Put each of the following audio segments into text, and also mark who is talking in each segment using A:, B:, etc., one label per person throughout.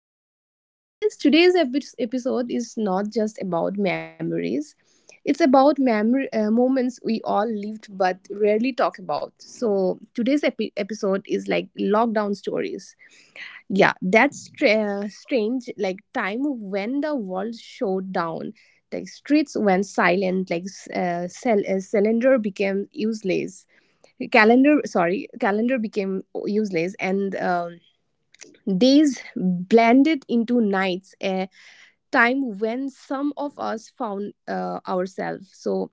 A: begin, like, because today's episode is not just about memories, it's about memory, moments we all lived but rarely talk about. So today's episode is like lockdown stories. Yeah, that's strange, like, time when the world shut down. Like streets went silent, like cylinder became useless. Calendar, sorry, calendar became useless. And days blended into nights, a time when some of us found ourselves. So,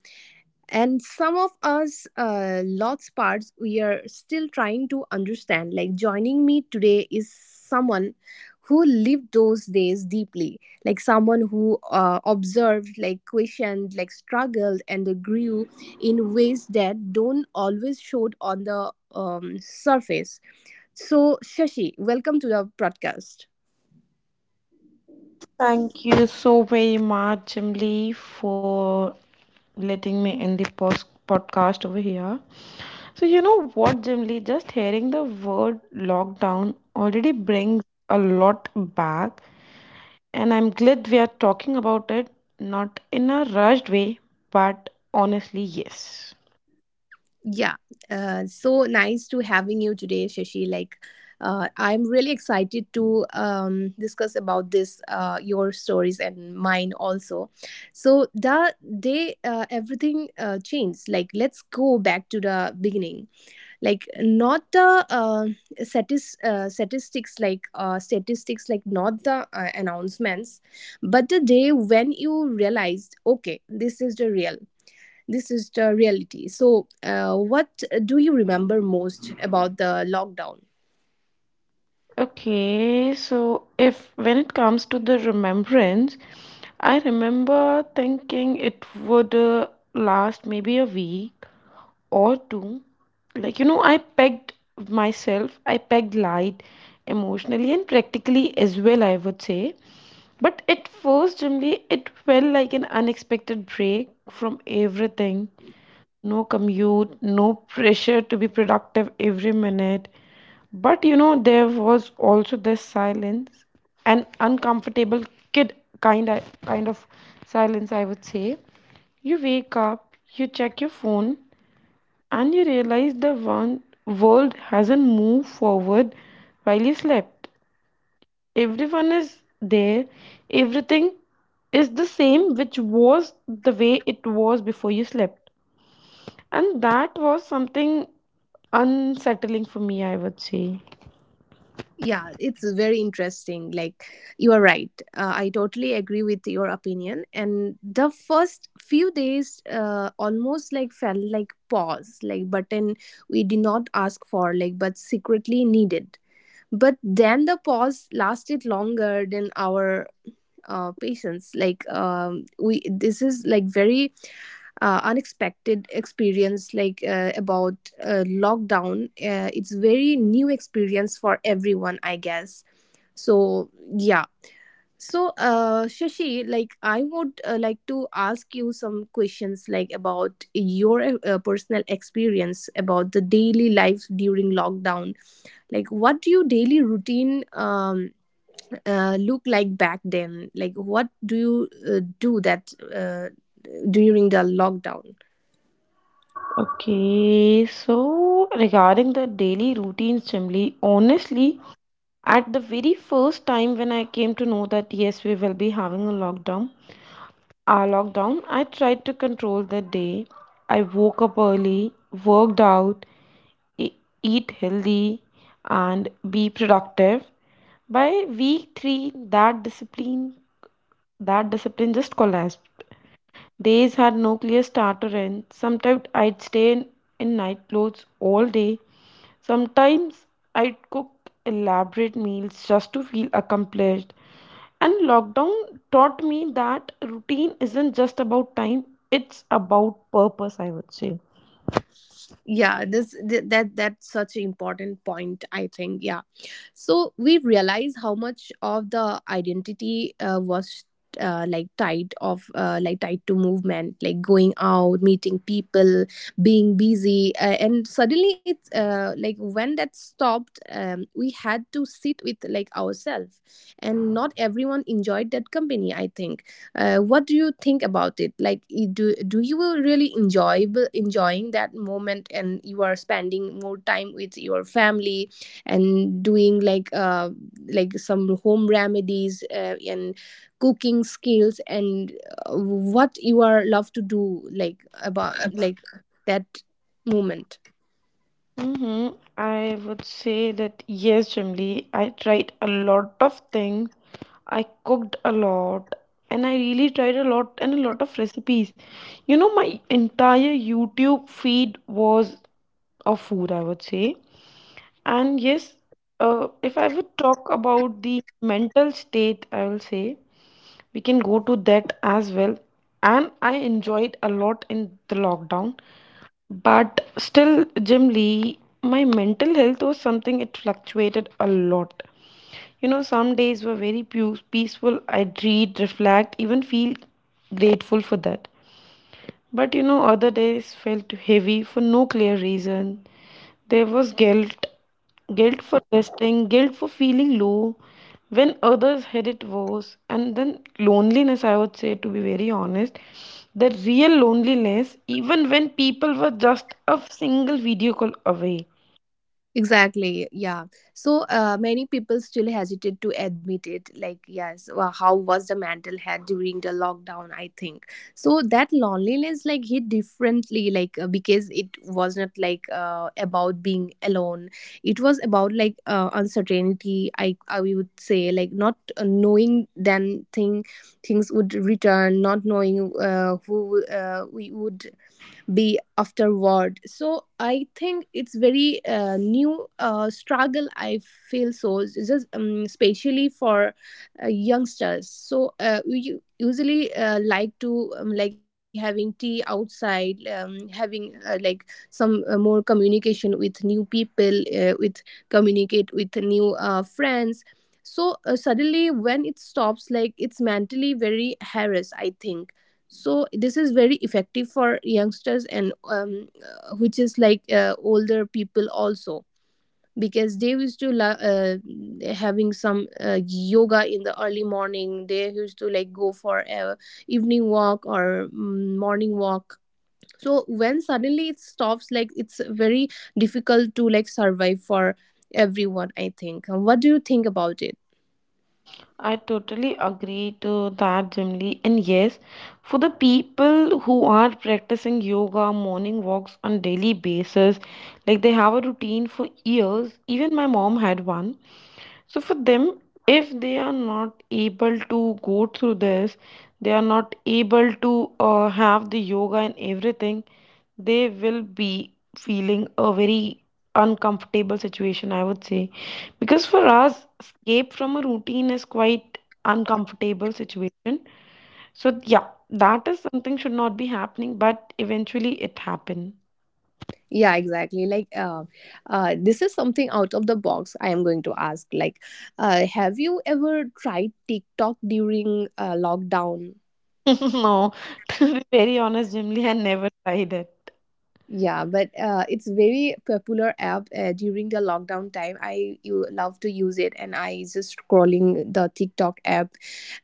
A: and some of us, lots parts we are still trying to understand. Like joining me today is someone who lived those days deeply, like someone who observed, like questioned, like struggled, and grew in ways that don't always show on the surface. So, Shashi, welcome to the podcast.
B: Thank you so very much, Emily, for letting me in the podcast over here. So, you know what, Jimly? Just hearing the word lockdown already brings a lot back, and I'm glad we are talking about it, not in a rushed way, but honestly, yes.
A: Yeah, so nice to having you today, Shashi. Like, I'm really excited to discuss about this, your stories and mine also. So the day everything changed. Like, let's go back to the beginning. Like, not the statistics, like not the announcements, but the day when you realized, okay, this is the real. This is the reality. So, what do you remember most about the lockdown?
B: Okay, so if when it comes to the remembrance, I remember thinking it would last maybe a week or two. Like, you know, I pegged light emotionally and practically as well, I would say. But at first, generally, it felt like an unexpected break from everything. No commute, no pressure to be productive every minute. But you know, there was also this silence, an uncomfortable kid kind of silence, I would say. You wake up, you check your phone, and he realized the one world hasn't moved forward while he slept. Everyone is there, everything is the same, which was the way it was before you slept. And that was something unsettling for me, I would say.
A: Yeah, it's very interesting. Like, you are right. I totally agree with your opinion. And the first few days almost like felt like pause, like button we did not ask for, like, but secretly needed, but then the pause lasted longer than our patience, like, we, this is like very unexpected experience, like about lockdown. It's very new experience for everyone, I guess. So yeah. So Shashi, like I would like to ask you some questions, like about your personal experience about the daily life during lockdown. Like what do your daily routine look like back then? Like what do you do that during the lockdown?
B: Okay, so regarding the daily routines, Chimli, honestly, at the very first time when I came to know that yes, we will be having a lockdown, our lockdown, I tried to control the day. I woke up early, worked out, e- eat healthy, and be productive. By week three, that discipline just collapsed. Days had no clear start or end. Sometimes I'd in night clothes all day. Sometimes I'd cook elaborate meals just to feel accomplished. And lockdown taught me that routine isn't just about time, it's about purpose, I would say.
A: Yeah, this th- that that's such an important point, I think. Yeah, so we realize how much of the identity was like tied to movement, like going out, meeting people, being busy, and suddenly it's like when that stopped, we had to sit with like ourselves, and not everyone enjoyed that company, I think. What do you think about it? Like, do you really enjoy enjoying that moment, and you are spending more time with your family and doing like some home remedies and cooking skills and what you are love to do, like, about like that moment.
B: Hmm, I would say that yes, Jimli, I tried a lot of things. I cooked a lot, and I really tried a lot and a lot of recipes. You know, my entire YouTube feed was of food, I would say. And yes, if I would talk about the mental state, I will say we can go to that as well. And I enjoyed a lot in the lockdown, but still, generally, my mental health was something it fluctuated a lot. You know, some days were very peaceful. I'd read, reflect, even feel grateful for that. But you know, other days felt heavy for no clear reason. There was guilt, guilt for resting, guilt for feeling low when others had it worse, and then loneliness, I would say, to be very honest. The real loneliness, even when people were just a single video call away.
A: Exactly, yeah. So many people still hesitate to admit it. Like, yes, well, how was the mental health during the lockdown? I think so that loneliness like hit differently, like, because it was not like about being alone. It was about like uncertainty. I would say like not knowing then thing things would return, not knowing who we would be afterward. So I think it's very new struggle, I feel. So it's just especially for youngsters. So we usually like to, like, having tea outside, having like some more communication with new people, with communicate with new friends. So suddenly when it stops, like, it's mentally very harassed, I think. So this is very effective for youngsters and which is like older people also, because they used to having some yoga in the early morning. They used to like go for a evening walk or morning walk. So when suddenly it stops, like, it's very difficult to like survive for everyone, I think. What do you think about it?
B: I totally agree to that, Jimli. And yes, for the people who are practicing yoga, morning walks on daily basis, like they have a routine for years. Even my mom had one. So for them, if they are not able to go through this, they are not able to have the yoga and everything, they will be feeling a very uncomfortable situation, I would say. Because for us, escape from a routine is quite uncomfortable situation. So yeah, that is something should not be happening, but eventually it happened.
A: Yeah, exactly, like, this is something out of the box I am going to ask, like, have you ever tried TikTok during lockdown?
B: No, to be very honest, Jimly, I never tried it.
A: Yeah, but it's very popular app during the lockdown time. I, you love to use it, and I just scrolling the TikTok app,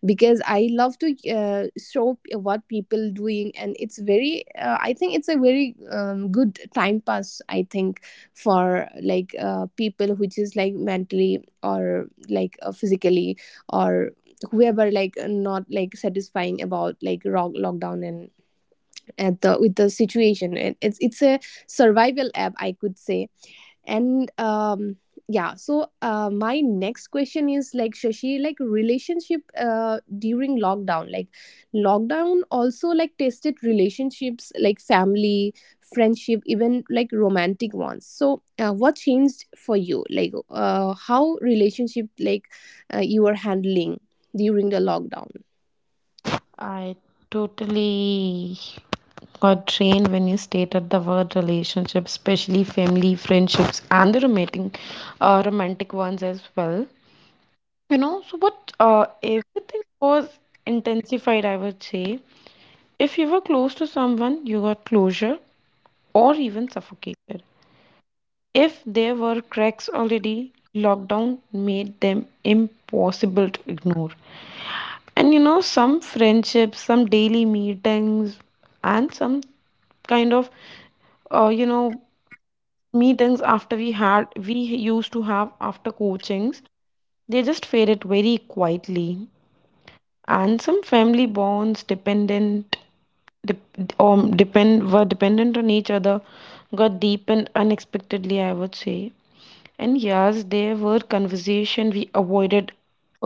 A: because I love to show what people doing, and it's very. I think it's a very good time pass, I think, for like people which is like mentally or like physically or whoever like not like satisfying about like rock lockdown and at the with the situation, and it's a survival app, I could say. And um, yeah. So my next question is like, Shashi, like relationship during lockdown. Like lockdown also like tested relationships, like family, friendship, even like romantic ones. So what changed for you? Like how relationship like you were handling during the lockdown.
B: I totally got trained when you stated the word relationship, especially family, friendships, and the romantic, romantic ones as well. You know, so what everything was intensified, I would say. If you were close to someone, you got closure or even suffocated. If there were cracks already, lockdown made them impossible to ignore. And you know, some friendships, some daily meetings, and some kind of you know, meetings after we used to have after coachings, they just faded very quietly. And some family bonds dependent dep- depend were dependent on each other, got deepened unexpectedly, I would say. And yes, there were conversations we avoided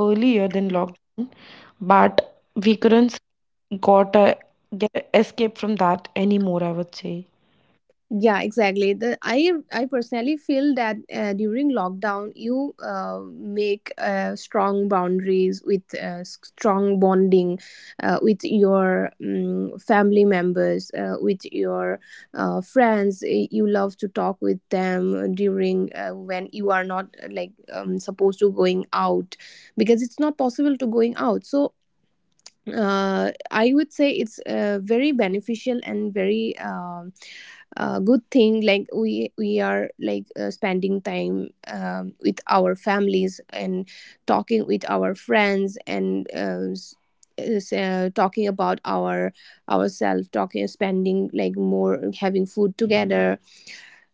B: earlier than lockdown, but we couldn't got a get a escape from that anymore, I would say.
A: Yeah, exactly. The I personally feel that during lockdown you make strong boundaries with strong bonding with your family members, with your friends. You love to talk with them during when you are not like, supposed to going out, because it's not possible to going out. So I would say it's very beneficial and very, good thing. Like we are like spending time with our families and talking with our friends and talking about our ourselves, talking, spending like more, having food together.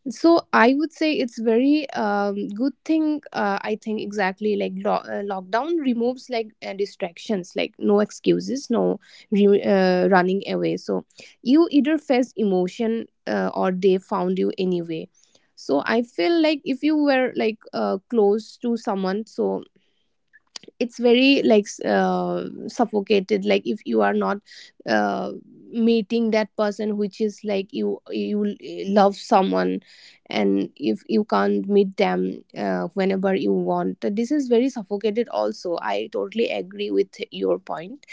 A: So I would say it's very good thing, I think. Exactly, like lockdown removes like distractions, like no excuses, no running away. So you either face emotion or they found you anyway. So I feel like if you were like close to someone, so it's very like suffocated, like if you are not uh, meeting that person, which is like you love someone and if you can't meet them whenever you want, this is very suffocated also. I totally agree with your point.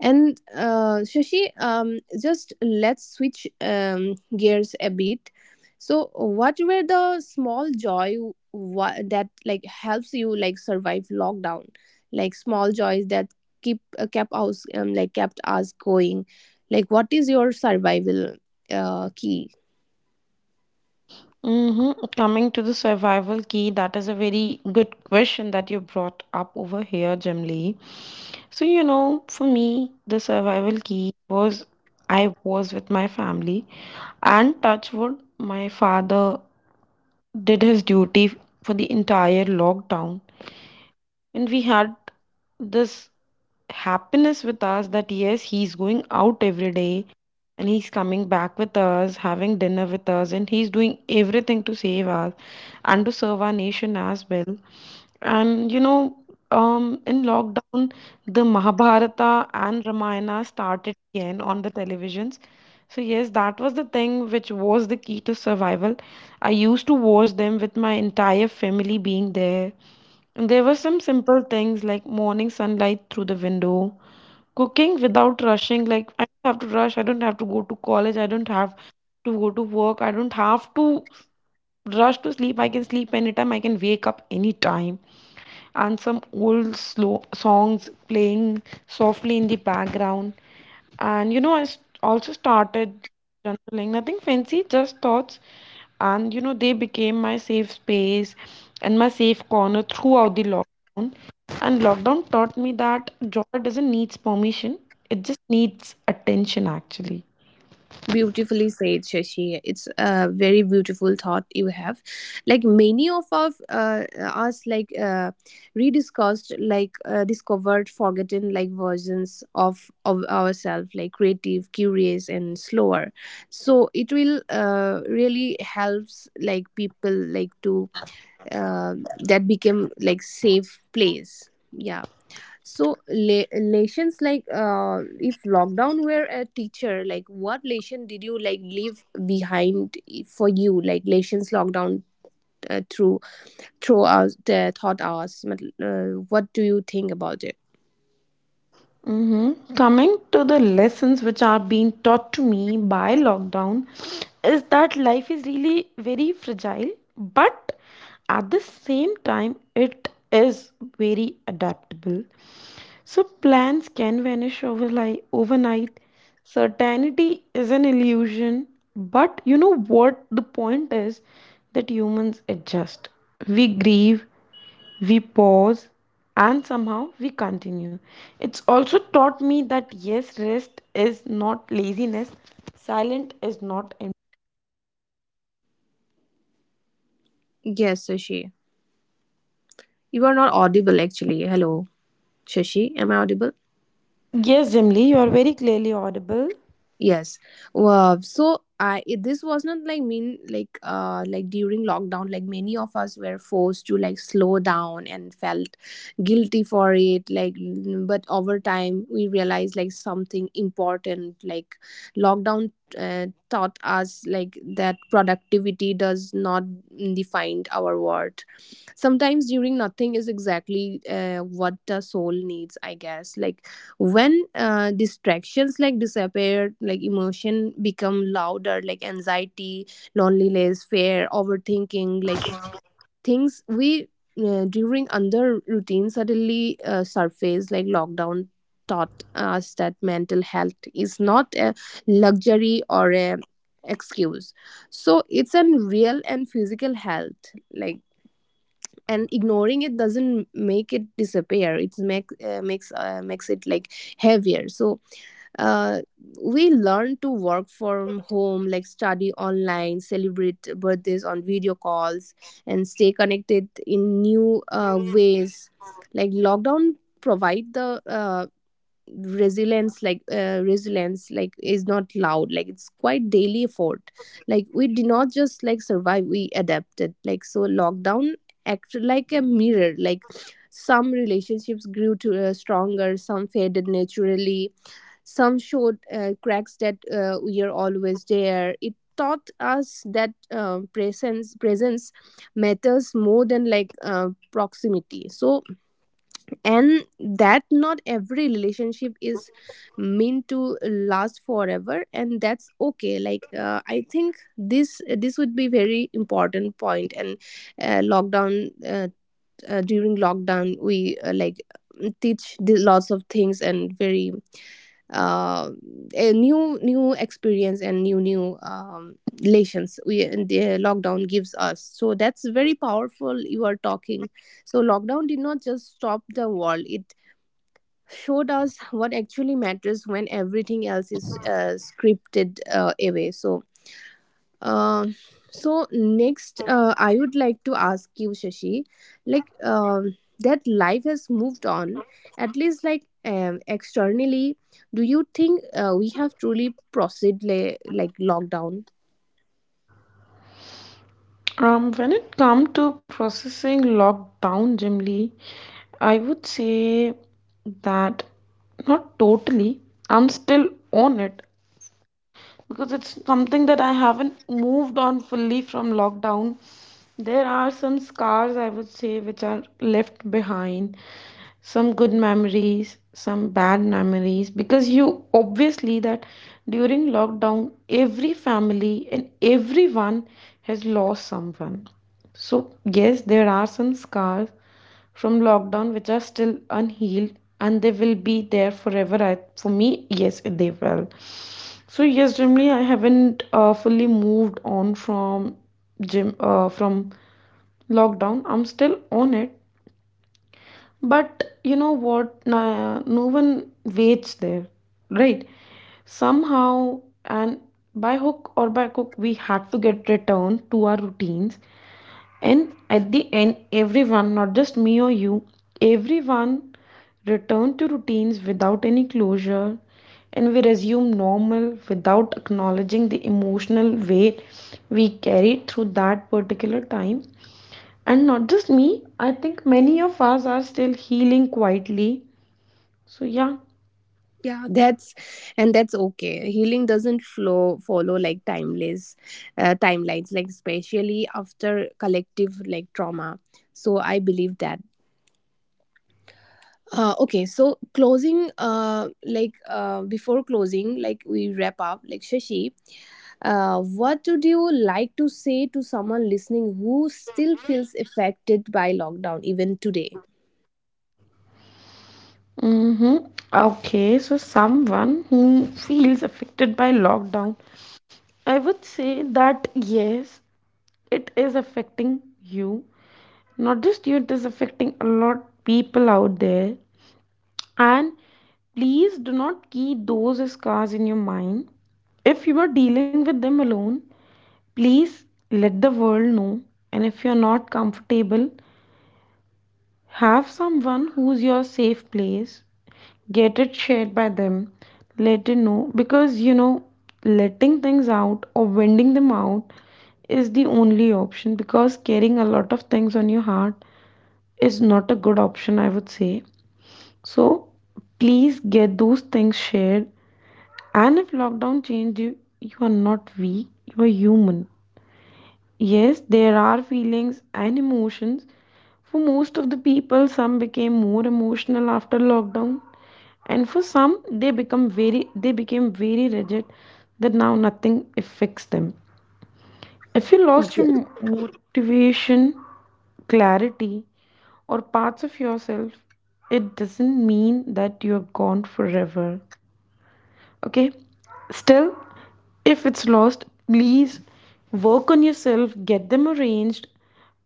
A: And Shashi, just let's switch gears a bit. So, what were the small joy that like helps you like survive lockdown? Like small joys that keep, kept us, like kept us going. Like, what is your survival key?
B: Mm-hmm. Coming to the survival key, that is a very good question that you brought up over here, Jim Lee. So, you know, for me, the survival key was I was with my family, and touch wood, my father did his duty for the entire lockdown, and we had this happiness with us that yes, he's going out every day, and he's coming back with us, having dinner with us, and he's doing everything to save us and to serve our nation as well. And you know, um, in lockdown, the Mahabharata and Ramayana started again on the televisions. So yes, that was the thing which was the key to survival. I used to watch them with my entire family being there. There were some simple things like morning sunlight through the window, cooking without rushing. Like, I don't have to rush, I don't have to go to college, I don't have to go to work, I don't have to rush to sleep. I can sleep anytime, I can wake up anytime. And some old slow songs playing softly in the background. And you know, I also started journaling, nothing fancy, just thoughts. And you know, they became my safe space and my safe corner throughout the lockdown. And lockdown taught me that joy doesn't need permission, it just needs attention, actually.
A: Beautifully said, Shashi. It's a very beautiful thought you have. Like many of our, us, like rediscussed, like discovered, forgotten, like versions of ourselves, like creative, curious, and slower. So it will really helps like people like to that became like safe place. Yeah. So lessons like if lockdown were a teacher, like what lesson did you like leave behind for you? Like lessons lockdown through through us the thought us. What do you think about it?
B: Mm-hmm. Coming to the lessons which are being taught to me by lockdown is that life is really very fragile, but at the same time, it is very adaptable. So plans can vanish overli overnight. Certainty is an illusion, but you know what the point is, that humans adjust. We grieve, we pause, and somehow we continue. It's also taught me that yes, rest is not laziness, silent is not.
A: Yes, Shashi, you are not audible, actually. Hello, Shashi, am I audible?
B: Yes, Jimly, you are very clearly audible.
A: Yes. Wow. So I it, this was not like mean, like, like, during lockdown, like many of us were forced to like slow down and felt guilty for it, like, but over time we realized like something important, like lockdown taught us like that productivity does not define our worth. Sometimes during nothing is exactly what the soul needs, I guess. Like, when distractions like disappear, like emotion become louder, like anxiety, loneliness, fear, overthinking, like things we during under routine suddenly surface. Like lockdown taught us that mental health is not a luxury or a excuse. So it's an real and physical health, like, and ignoring it doesn't make it disappear. It's make, makes it like heavier. So uh, we learn to work from home, like study online, celebrate birthdays on video calls, and stay connected in new ways. Like lockdown provide the resilience, like resilience like is not loud, like it's quite daily effort. Like we did not just like survive, we adapted. Like so lockdown acted like a mirror. Like some relationships grew to stronger, some faded naturally, some showed cracks that we are always there. It taught us that presence presence matters more than like proximity. So and that not every relationship is meant to last forever, and that's okay. Like, I think this would be very important point. And lockdown during lockdown we, like teach the lots of things, and very, uh, a new experience and new relations we and the lockdown gives us. So that's very powerful, you are talking. So lockdown did not just stop the world, it showed us what actually matters when everything else is scripted away. So um, so next, I would like to ask you, Shashi, like that life has moved on, at least like externally. Do you think we have truly proceed like lockdown?
B: When it comes to processing lockdown, Jimly, I would say that not totally. I'm still on it. Because it's something that I haven't moved on fully from lockdown. There are some scars, I would say, which are left behind, some good memories, some bad memories, because you obviously that during lockdown, every family and everyone has lost someone. So, yes, there are some scars from lockdown which are still unhealed, and they will be there forever. I, for me, yes, they will. So yes, generally, I haven't fully moved on from gym from lockdown. I'm still on it. But you know what? Nah, no one waits there, right? Somehow, and by hook or by crook, we had to get returned to our routines. And at the end, everyone, not just me or you, everyone returned to routines without any closure. And we resume normal without acknowledging the emotional weight we carried through that particular time. And not just me, I think many of us are still healing quietly. So, yeah.
A: Yeah, that's, and that's okay. Healing doesn't flow follow like timeless timelines, like especially after collective like trauma. So I believe that. Okay, so closing, like, before closing, like we wrap up, like Shashi, what would you like to say to someone listening who still feels affected by lockdown even today?
B: Mm-hmm. Okay, so someone who feels affected by lockdown, I would say that yes, it is affecting you, not just you, it is affecting a lot of people out there. And please do not keep those scars in your mind. If you are dealing with them alone, please let the world know. And if you are not comfortable, have someone who's your safe place, get it shared by them, let it know, because you know, letting things out or winding them out is the only option, because carrying a lot of things on your heart is not a good option, I would say. So please get those things shared. And if lockdown changed you, you are not weak, you are human. Yes, there are feelings and emotions. For most of the people, some became more emotional after lockdown, and for some, they became very rigid that now nothing affects them. If you lost your motivation, clarity, or parts of yourself, it doesn't mean that you're gone forever. Okay? Still, if it's lost, please work on yourself, get them arranged,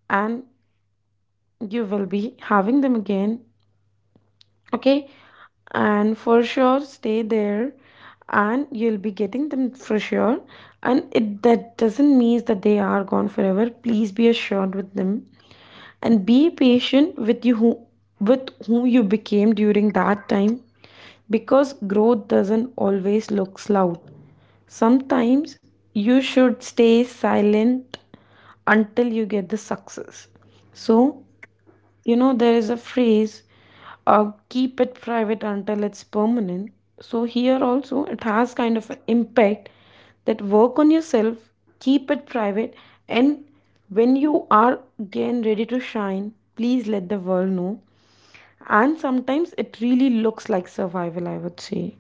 B: and you will be having them again. Okay? And for sure, stay there and you'll be getting them for sure. And it that doesn't mean that they are gone forever. Please be assured with them and be patient with you, who with whom you became during that time. Because growth doesn't always look loud. Sometimes you should stay silent until you get the success. So you know, there is a phrase, keep it private until it's permanent. So, here also, it has kind of an impact that work on yourself, keep it private, and when you are again ready to shine, please let the world know. And sometimes it really looks like survival, I would say.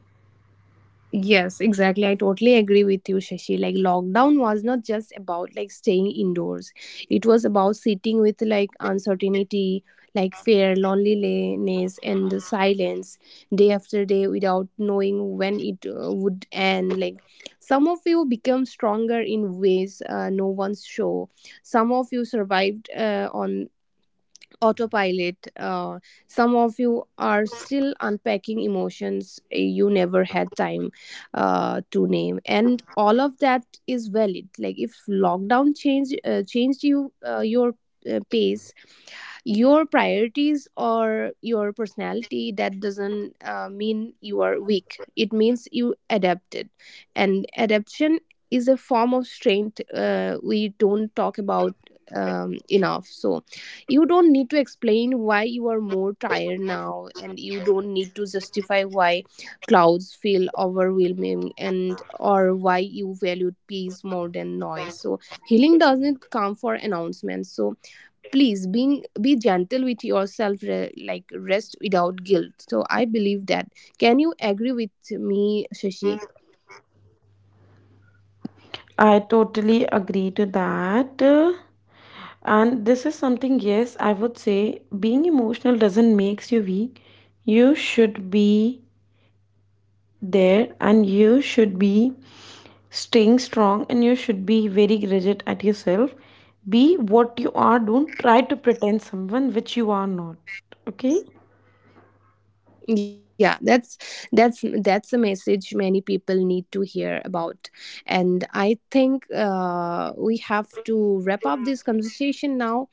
A: Yes, exactly. I totally agree with you, Shashi. Like lockdown was not just about like staying indoors. It was about sitting with like uncertainty, like fear, loneliness, and the silence day after day without knowing when it would end. Like some of you become stronger in ways no one's show. Some of you survived on autopilot. Some of you are still unpacking emotions you never had time to name, and all of that is valid. Like if lockdown changed you, your pace, your priorities, or your personality, that doesn't mean you are weak, it means you adapted, and adaptation is a form of strength we don't talk about enough. So you don't need to explain why you are more tired now, and you don't need to justify why clouds feel overwhelming and or why you valued peace more than noise. So healing doesn't come for announcements. So please being, be gentle with yourself, like rest without guilt. So I believe that. Can you agree with me, Shashi?
B: I totally agree to that. And this is something, yes, I would say being emotional doesn't makes you weak. You should be there, and you should be staying strong, and you should be very rigid at yourself. Be what you are, don't try to pretend someone which you are not. Okay.
A: Yeah, that's a message many people need to hear about. And I think we have to wrap up this conversation now.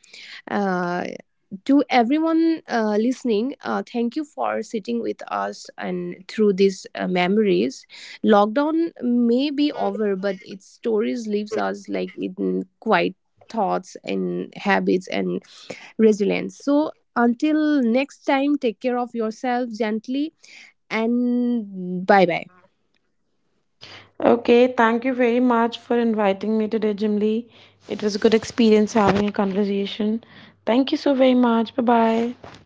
A: uh, to everyone listening, thank you for sitting with us and through these memories. Lockdown may be over, but its stories leaves us like in quiet thoughts and habits and resilience. So until next time, take care of yourself gently and bye bye.
B: Okay, thank you very much for inviting me today, Jimly. It was a good experience having a conversation. Thank you so very much. Bye bye.